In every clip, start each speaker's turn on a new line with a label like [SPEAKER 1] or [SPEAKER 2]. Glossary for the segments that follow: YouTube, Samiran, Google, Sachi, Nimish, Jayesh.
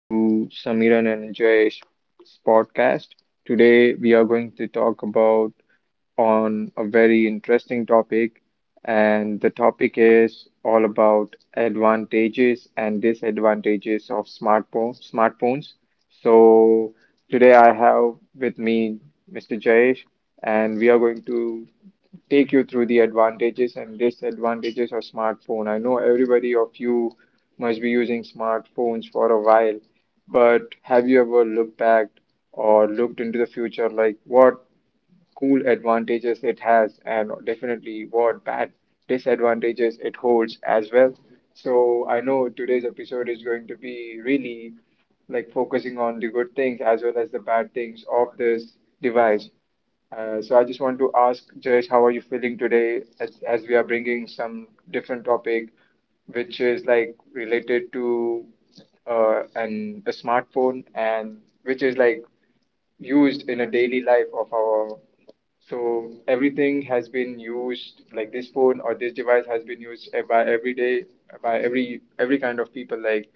[SPEAKER 1] to Samiran and Jay's podcast. Today, we are going to talk about on a very interesting topic, and the topic is all about advantages and disadvantages of smartphones. So today, I have with me Mr. Jayesh, and we are going to take you through the advantages and disadvantages of smartphone. I know everybody of you must be using smartphones for a while, but have you ever looked back or looked into the future like what cool advantages it has and definitely what bad disadvantages it holds as well. So I know today's episode is going to be really like focusing on the good things as well as the bad things of this device. So I just want to ask Jayesh, how are you feeling today as we are bringing some different topic, which is like related to an a smartphone and which is like used in a daily life of our. So everything has been used, like this phone or this device has been used by every day, by every kind of people, like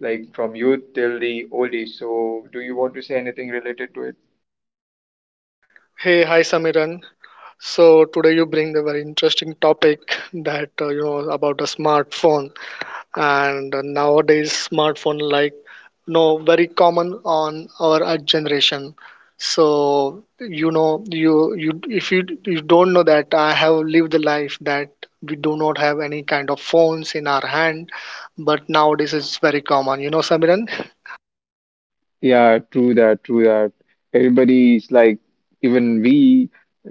[SPEAKER 1] like from youth till the old age. So do you want to say anything related to it?
[SPEAKER 2] Hey, hi Samiran. So today you bring the very interesting topic that you know about the smartphone and nowadays smartphone like no very common on our generation. So you know you, if you don't know that I have lived the life that we do not have any kind of phones in our hand, but nowadays it's very common. You know, Samiran.
[SPEAKER 1] Yeah, true that, true that. Everybody's like, even we,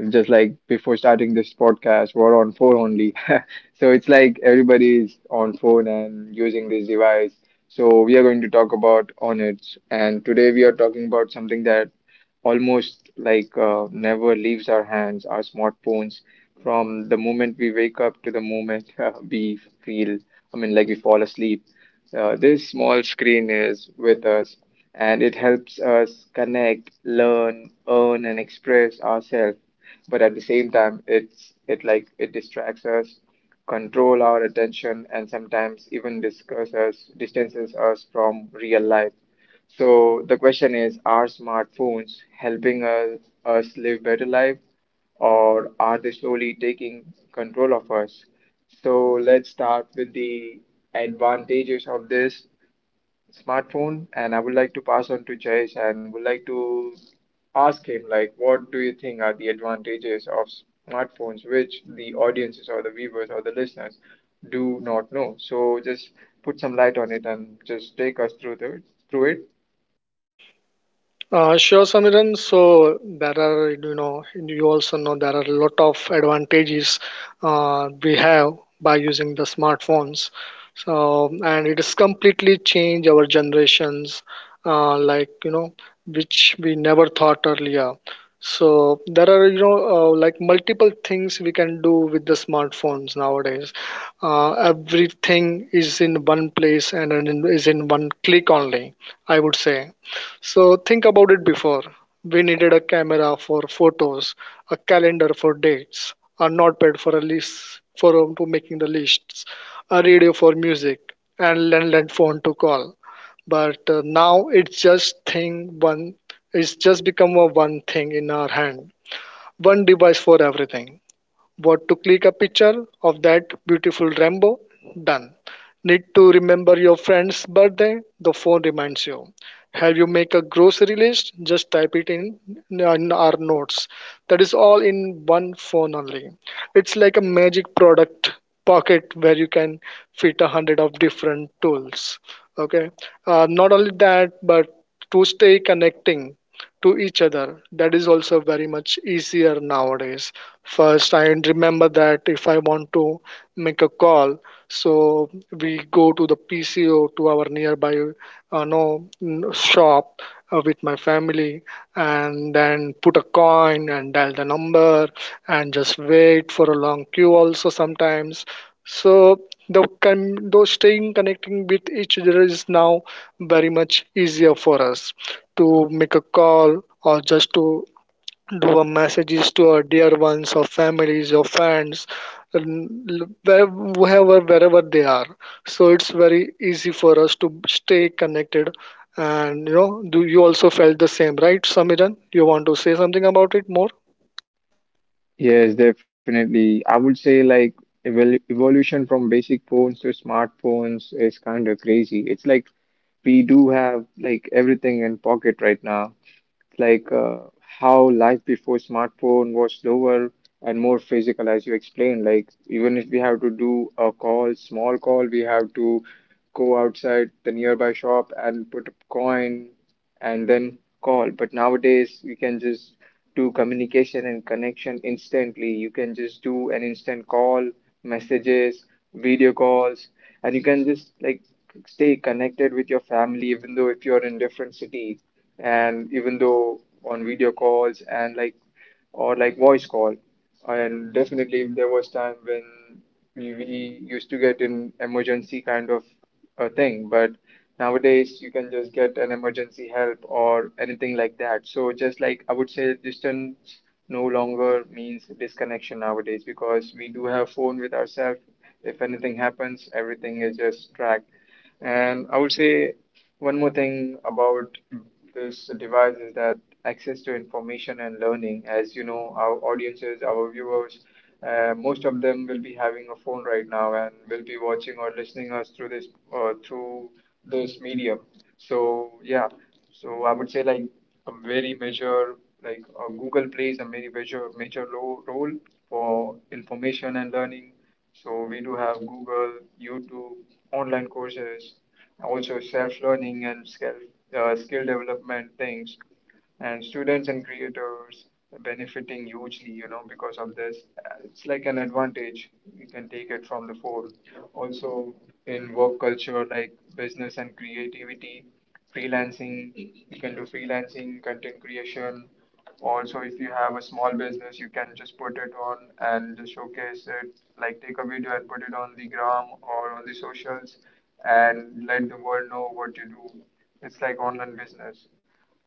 [SPEAKER 1] just like before starting this podcast, we're on phone only. So it's like everybody's on phone and using this device. So we are going to talk about on it. And today we are talking about something that almost like never leaves our hands, our smartphones, from the moment we wake up to the moment we feel, I mean, like we fall asleep. This small screen is with us and it helps us connect, learn, earn, and express ourselves. But at the same time, it like it distracts us, control our attention, and sometimes even distances us from real life. So the question is, are smartphones helping us live better life or are they slowly taking control of us? So let's start with the advantages of this smartphone and I would like to pass on to Jayesh and would like to ask him like what do you think are the advantages of smartphones which the audiences or the viewers or the listeners do not know. So just put some light on it and just take us through the through it.
[SPEAKER 2] Sure, Samiran. So there are, you know, you also know there are a lot of advantages we have by using the smartphones. So and it has completely changed our generations, like you know, which we never thought earlier. So there are, you know, like multiple things we can do with the smartphones nowadays. Everything is in one place and is in one click only. I would say. So think about it before. We needed a camera for photos, a calendar for dates, a notepad for a list for to making the lists, a radio for music, and landline phone to call. But now it's just thing one. It's just become a one thing in our hand, one device for everything. What to click a picture of that beautiful rainbow? Done. Need to remember your friend's birthday? The phone reminds you. Have you make a grocery list? Just type it in our notes. That is all in one phone only. It's like a magic product pocket where you can fit a hundred of different tools. Okay. Not only that, but to stay connecting to each other. That is also very much easier nowadays. First, I remember that if I want to make a call, so we go to the PCO to our nearby no n- shop with my family, and then put a coin and dial the number and just wait for a long queue also sometimes. So the though staying connecting with each other is now very much easier for us to make a call or just to do a messages to our dear ones or families or friends, and whoever wherever they are. So it's very easy for us to stay connected. And you know, do you also felt the same, right, Samiran? You want to say something about it more?
[SPEAKER 1] Yes, definitely. I would say like evolution from basic phones to smartphones is kind of crazy. It's like we do have like everything in pocket right now like how life before smartphone was slower and more physical, as you explained. Like even if we have to do a call, small call, we have to go outside the nearby shop and put a coin and then call. But nowadays, we can just do communication and connection instantly. You can just do an instant call, messages, video calls, and you can just like stay connected with your family, even though if you're in different cities and even though on video calls and like or like voice call and definitely there was time when we used to get an emergency kind of a thing but nowadays you can just get an emergency help or anything like that. So just like I would say distance no longer means disconnection nowadays because we do have phone with ourselves. If anything happens, everything is just tracked. And I would say one more thing about this device is that access to information and learning. As you know, our audiences, our viewers, most of them will be having a phone right now and will be watching or listening us through uh, through this medium. So yeah, so I would say like a very major like Google plays a very major role for information and learning. So we do have Google, YouTube, online courses, also self-learning and skill development things. And students and creators are benefiting hugely, you know, because of this. It's like an advantage. You can take it from the phone also in work culture like business and creativity, freelancing. You can do freelancing, content creation. Also, if you have a small business, you can just put it on and just showcase it, like take a video and put it on the gram or on the socials and let the world know what you do. It's like online business.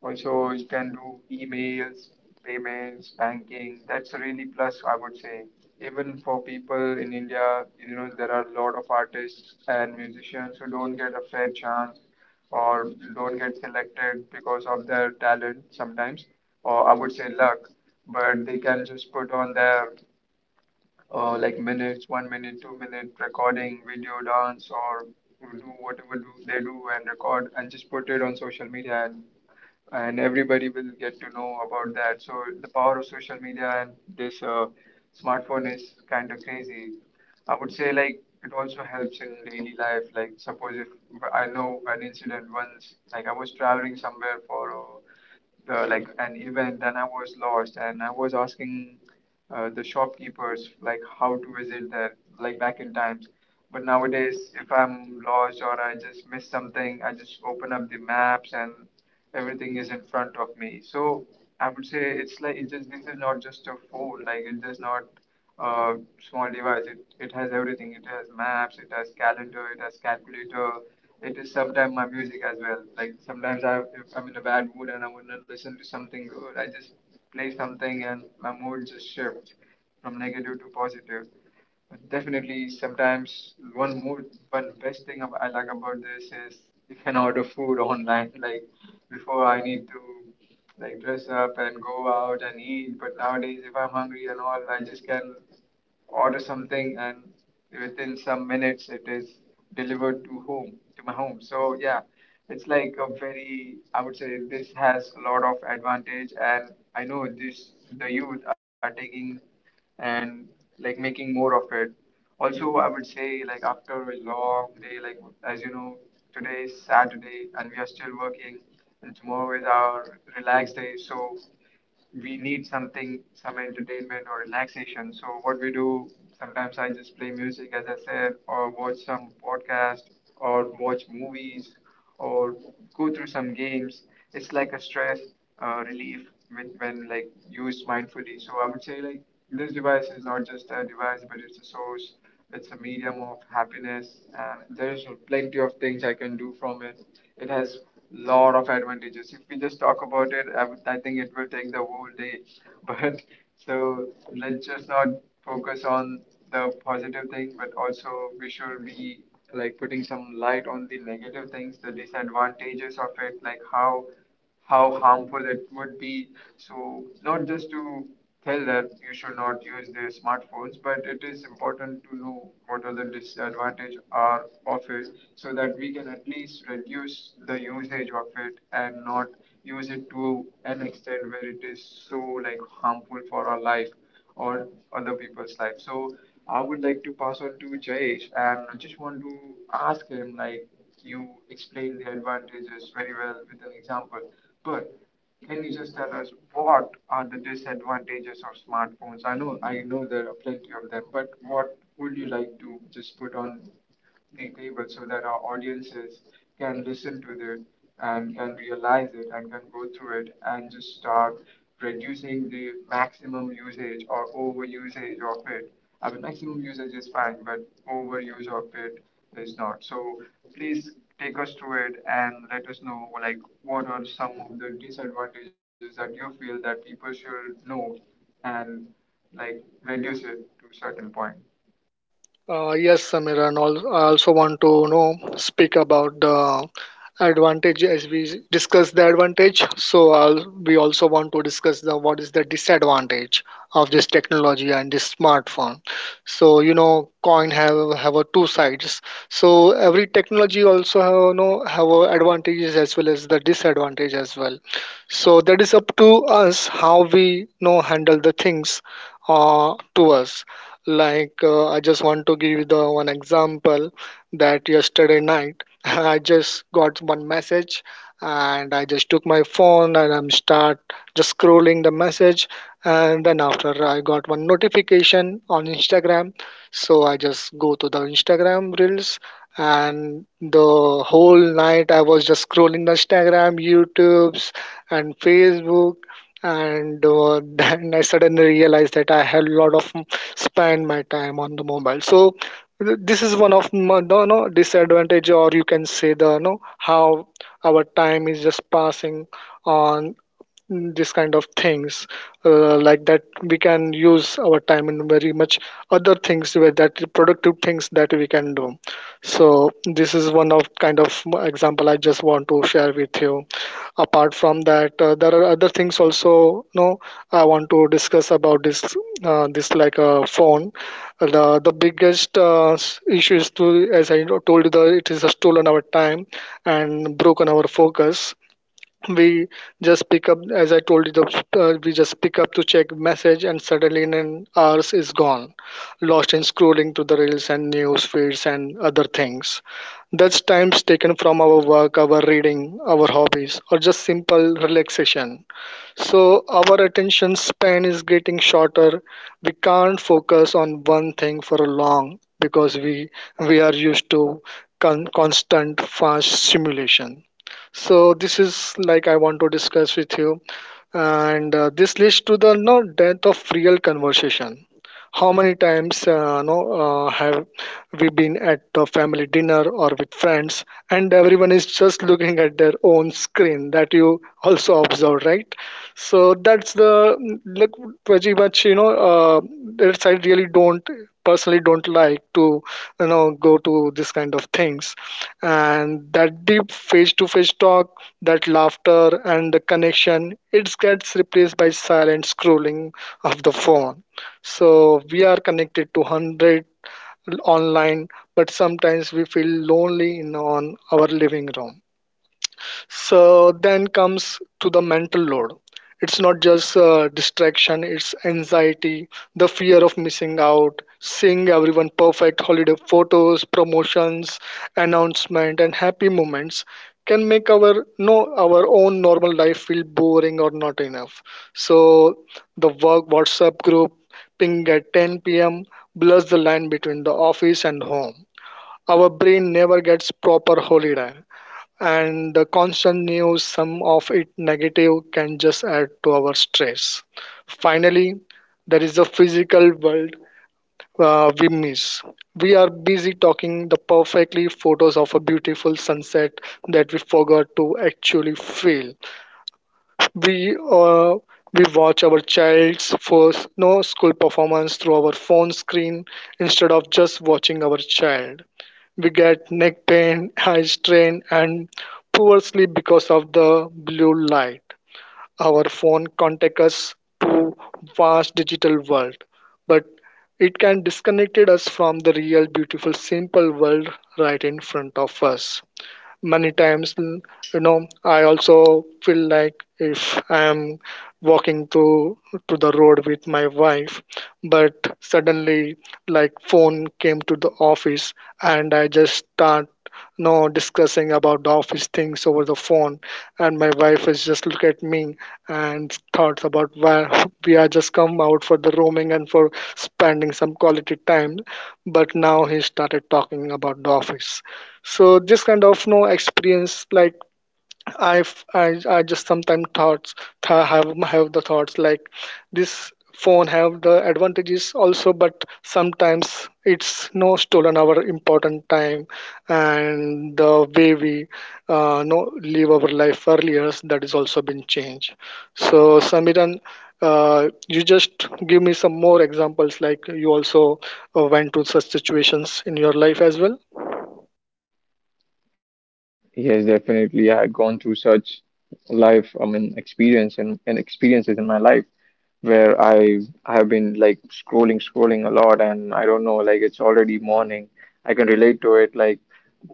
[SPEAKER 1] Also, you can do emails, payments, banking. That's a really plus, I would say. Even for people in India, you know, there are a lot of artists and musicians who don't get a fair chance or don't get selected because of their talent sometimes, or I would say luck. But they can just put on their like minutes, 1 minute, 2 minute recording, video dance, or do whatever do they do and record and just put it on social media and everybody will get to know about that. So the power of social media and this smartphone is kind of crazy. I would say like it also helps in daily life. Like suppose if I know an incident once, like I was traveling somewhere for like an event and I was lost and I was asking the shopkeepers like how to visit there like back in times. But nowadays, if I'm lost or I just miss something, I just open up the maps and everything is in front of me. So I would say it's like it's just this is not just a phone, like it's just not a small device. It has everything. It has maps, it has calendar, it has calculator. It is sometimes my music as well. Like sometimes I, if I'm in a bad mood and I want to listen to something good, I just play something and my mood just shifts from negative to positive. Definitely, sometimes one best thing I like about this is you can order food online. Like before, I need to like dress up and go out and eat. But nowadays, if I'm hungry and all, I just can order something and within some minutes it is delivered to home to my home. So yeah, it's like a very, I would say, this has a lot of advantage and I know this the youth are taking and like making more of it. Also I would say like after a long day, like as you know, today is Saturday and we are still working and tomorrow is our relaxed day. So we need something, some entertainment or relaxation. So what we do, sometimes I just play music, as I said, or watch some podcast, or watch movies, or go through some games. It's like a stress relief when like used mindfully. So I would say like this device is not just a device, but it's a source. It's a medium of happiness. And there's plenty of things I can do from it. It has lot of advantages. If we just talk about it, I think it will take the whole day. But so let's just not focus on the positive thing, but also we should be like putting some light on the negative things, the disadvantages of it, like how harmful it would be. So, not just to tell that you should not use the smartphones, but it is important to know what are the disadvantages are of it, so that we can at least reduce the usage of it and not use it to an extent where it is so like harmful for our life or other people's life. So I would like to pass on to Jayesh and I just want to ask him like you explained the advantages very well with an example, but can you just tell us what are the disadvantages of smartphones? I know there are plenty of them, but what would you like to just put on the table so that our audiences can listen to it and can realize it and can go through it and just start reducing the maximum usage or over usage of it. I mean, maximum usage is fine, but overuse of it is not. So please take us through it and let us know, like, what are some of the disadvantages that you feel that people should know and like reduce it to a certain point.
[SPEAKER 2] Yes, Samir, and I also want to you know speak about the advantage as we discuss the advantage. So I'll, we also want to discuss the what is the disadvantage of this technology and this smartphone. So you know, coin have a two sides. So every technology also have you know have a advantages as well as the disadvantage as well. So that is up to us how we you know handle the things to us. Like, I just want to give the one example that yesterday night I just got one message, and I just took my phone and I'm start just scrolling the message. And then after, I got one notification on Instagram, so I just go to the Instagram reels, and the whole night I was just scrolling the Instagram, YouTube's and Facebook and then I suddenly realized that I had a lot of spend my time on the mobile. So this is one of my no, no disadvantage, or you can say the no how our time is just passing on this kind of things. Like that we can use our time in very much other things where that productive things that we can do. So this is one of kind of example I just want to share with you. Apart from that, there are other things also, no. I want to discuss about this, this like a phone. The biggest issue is to, as I told you the, it is stolen our time and broken our focus. We just pick up, as I told you the, we just pick up to check message and suddenly in an hours is gone, lost in scrolling to the reels and news feeds and other things. That's times taken from our work, our reading, our hobbies, or just simple relaxation. So our attention span is getting shorter. We can't focus on one thing for a long, because we are used to constant fast stimulation. So this is like I want to discuss with you, and this leads to the no death of real conversation. How many times no have we been at the family dinner or with friends, and everyone is just looking at their own screen, that you also observe, right? So that's the look pretty much you know that's I really don't personally don't like to you know go to this kind of things. And that deep face to face talk, that laughter and the connection, it gets replaced by silent scrolling of the phone. So we are connected to 100 online, but sometimes we feel lonely in on our living room. So then comes to the mental load. It's not just distraction, it's anxiety, the fear of missing out, seeing everyone perfect, holiday photos, promotions, announcement, and happy moments can make our no our own normal life feel boring or not enough. So the work WhatsApp group ping at 10 p.m. blurs the line between the office and home. Our brain never gets proper holiday, and the constant news, some of it negative, can just add to our stress. Finally, there is the physical world we miss. We are busy talking the perfectly photos of a beautiful sunset that we forgot to actually feel. We uh, we watch our child's first no school performance through our phone screen instead of just watching our child. We get neck pain, eye strain, and poor sleep because of the blue light. Our phone connects us to vast digital world, but it can disconnect us from the real, beautiful, simple world right in front of us many times. You know, I also feel like if I am walking to the road with my wife, but suddenly like phone came to the office and I just start you know discussing about the office things over the phone, and my wife is just look at me and thoughts about why we are just come out for the roaming and for spending some quality time, but now he started talking about the office. So this kind of no experience, like I just sometimes thoughts have the thoughts like this phone have the advantages also, but sometimes it's no stolen our important time, and the way we no live our life earlier, that is also been changed. So Samiran, you just give me some more examples, like you also went to such situations in your life as well?
[SPEAKER 1] Yes, definitely. I had gone through such life, I mean, experience and experiences in my life where I have been like scrolling a lot, and I don't know, like it's already morning. I can relate to it. Like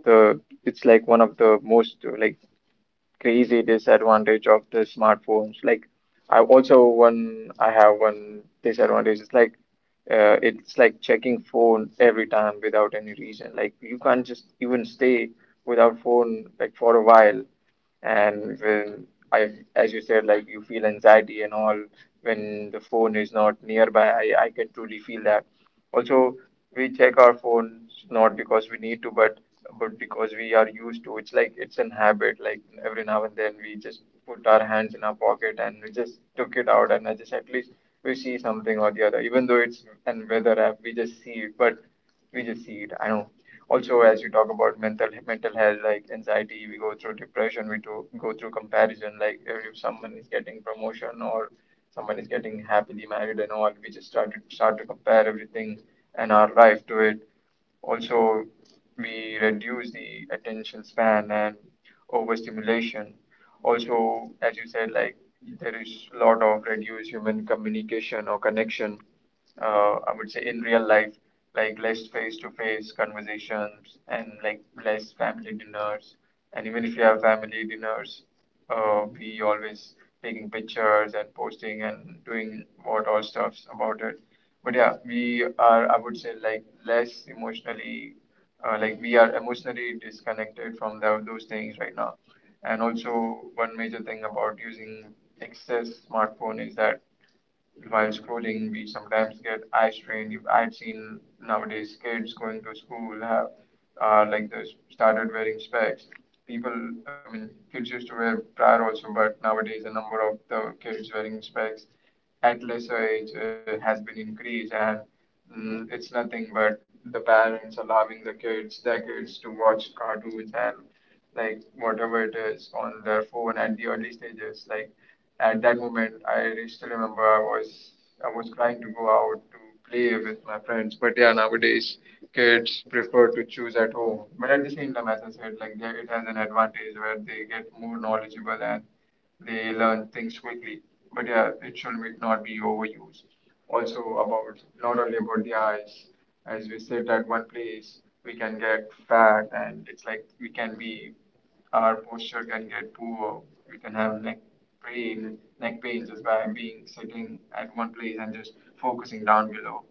[SPEAKER 1] the it's like one of the most like crazy disadvantage of the smartphones. Like I also one I have one disadvantage. It's like checking phone every time without any reason. Like you can't just even stay without phone like for a while. And when I, as you said, like you feel anxiety and all when the phone is not nearby. I can truly feel that. Also, we check our phones not because we need to but because we are used to It's like it's an habit, like every now and then we just put our hands in our pocket and we just took it out and I just at least we see something or the other, even though it's an weather app we just see it but we just see it. I know. Also, as you talk about mental health, like anxiety, we go through depression. We do, go through comparison, like if someone is getting promotion or someone is getting happily married and all, we just start to compare everything and our life to it. Also, we reduce the attention span and overstimulation. Also, as you said, like there is a lot of reduced human communication or connection. I would say in real life, like less face-to-face conversations and like less family dinners. And even if you have family dinners, we always taking pictures and posting and doing what all stuffs about it. But yeah, we are, I would say, like less emotionally, like we are emotionally disconnected from the, those things right now. And also, one major thing about using excess smartphone is that while scrolling, we sometimes get eye strain. If I've seen nowadays kids going to school have like this started wearing specs. People, I mean, kids used to wear prior also, but nowadays the number of the kids wearing specs at lesser age has been increased, and it's nothing but the parents allowing the kids, their kids, to watch cartoons and like whatever it is on their phone at the early stages. Like at that moment, I still remember I was crying to go out to play with my friends. But yeah, nowadays kids prefer to choose at home. But at the same time, as I said, like it has an advantage where they get more knowledgeable and they learn things quickly. But yeah, it not be overused. Also about not only about the eyes, as we sit at one place, we can get fat and it's like we can be our posture can get poor, we can have neck brain, neck pain just by being sitting at one place and just focusing down below.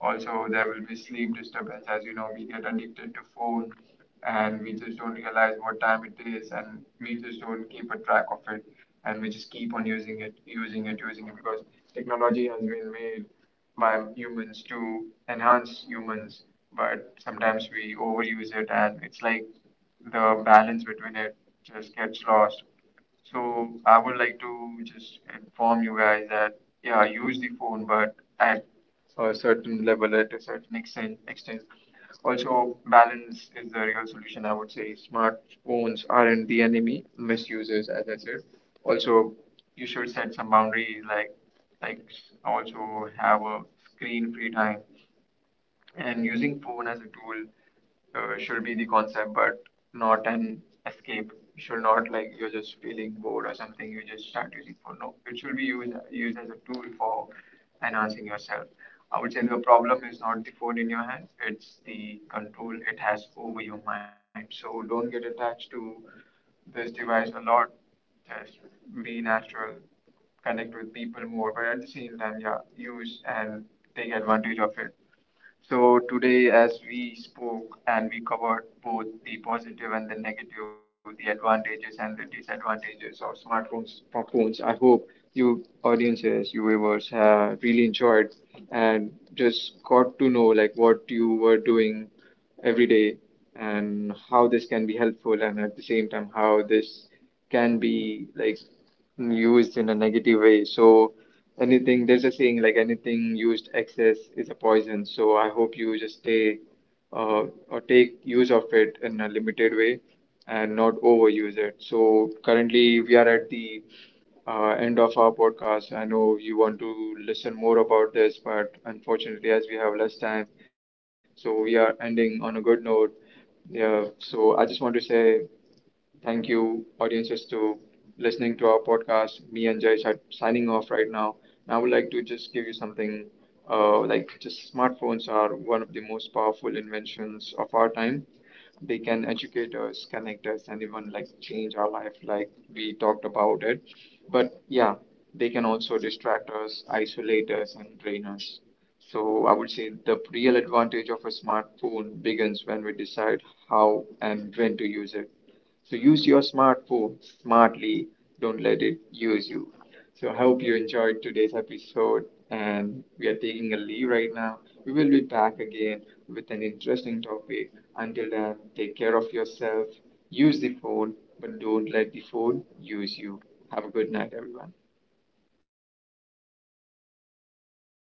[SPEAKER 1] Also, there will be sleep disturbance. As you know, we get addicted to phone and we just don't realize what time it is and we just don't keep a track of it and we just keep on using it because technology has been made by humans to enhance humans, but sometimes we overuse it and it's like the balance between it just gets lost. So I would like to just inform you guys that yeah, use the phone, but at a certain level, at a certain extent. Extent. Also, balance is the real solution. I would say smartphones aren't the enemy. Misusers, as I said. Also, you should set some boundaries, like also have a screen-free time, and using phone as a tool should be the concept, but not an escape. You should not like you're just feeling bored or something. You just start using phone. No, it should be used as a tool for enhancing yourself. I would say the problem is not the phone in your hands. It's the control it has over your mind. So don't get attached to this device a lot. Just be natural, connect with people more, but at the same time, yeah, use and take advantage of it. So today, as we spoke and we covered both the positive and the negative, the advantages and the disadvantages of smartphones, for phones, I hope you audiences, you viewers, have really enjoyed and just got to know like what you were doing every day and how this can be helpful, and at the same time, how this can be like used in a negative way. So anything, there's a saying like anything used excess is a poison. So I hope you just stay uh, or take use of it in a limited way and not overuse it. So currently we are at the end of our podcast. I know you want to listen more about this, but unfortunately, as we have less time, so we are ending on a good note. Yeah, so I just want to say. Thank you, audiences, to listening to our podcast. Me and Jayesh are signing off right now. And I would like to just give you something like just smartphones are one of the most powerful inventions of our time. They can educate us, connect us, and even like change our life, like we talked about it. But yeah, they can also distract us, isolate us, and drain us. So I would say the real advantage of a smartphone begins when we decide how and when to use it. So use your smartphone smartly. Don't let it use you. So I hope you enjoyed today's episode and we are taking a leave right now. We will be back again with an interesting topic. Until then, take care of yourself. Use the phone, but don't let the phone use you. Have a good night, everyone.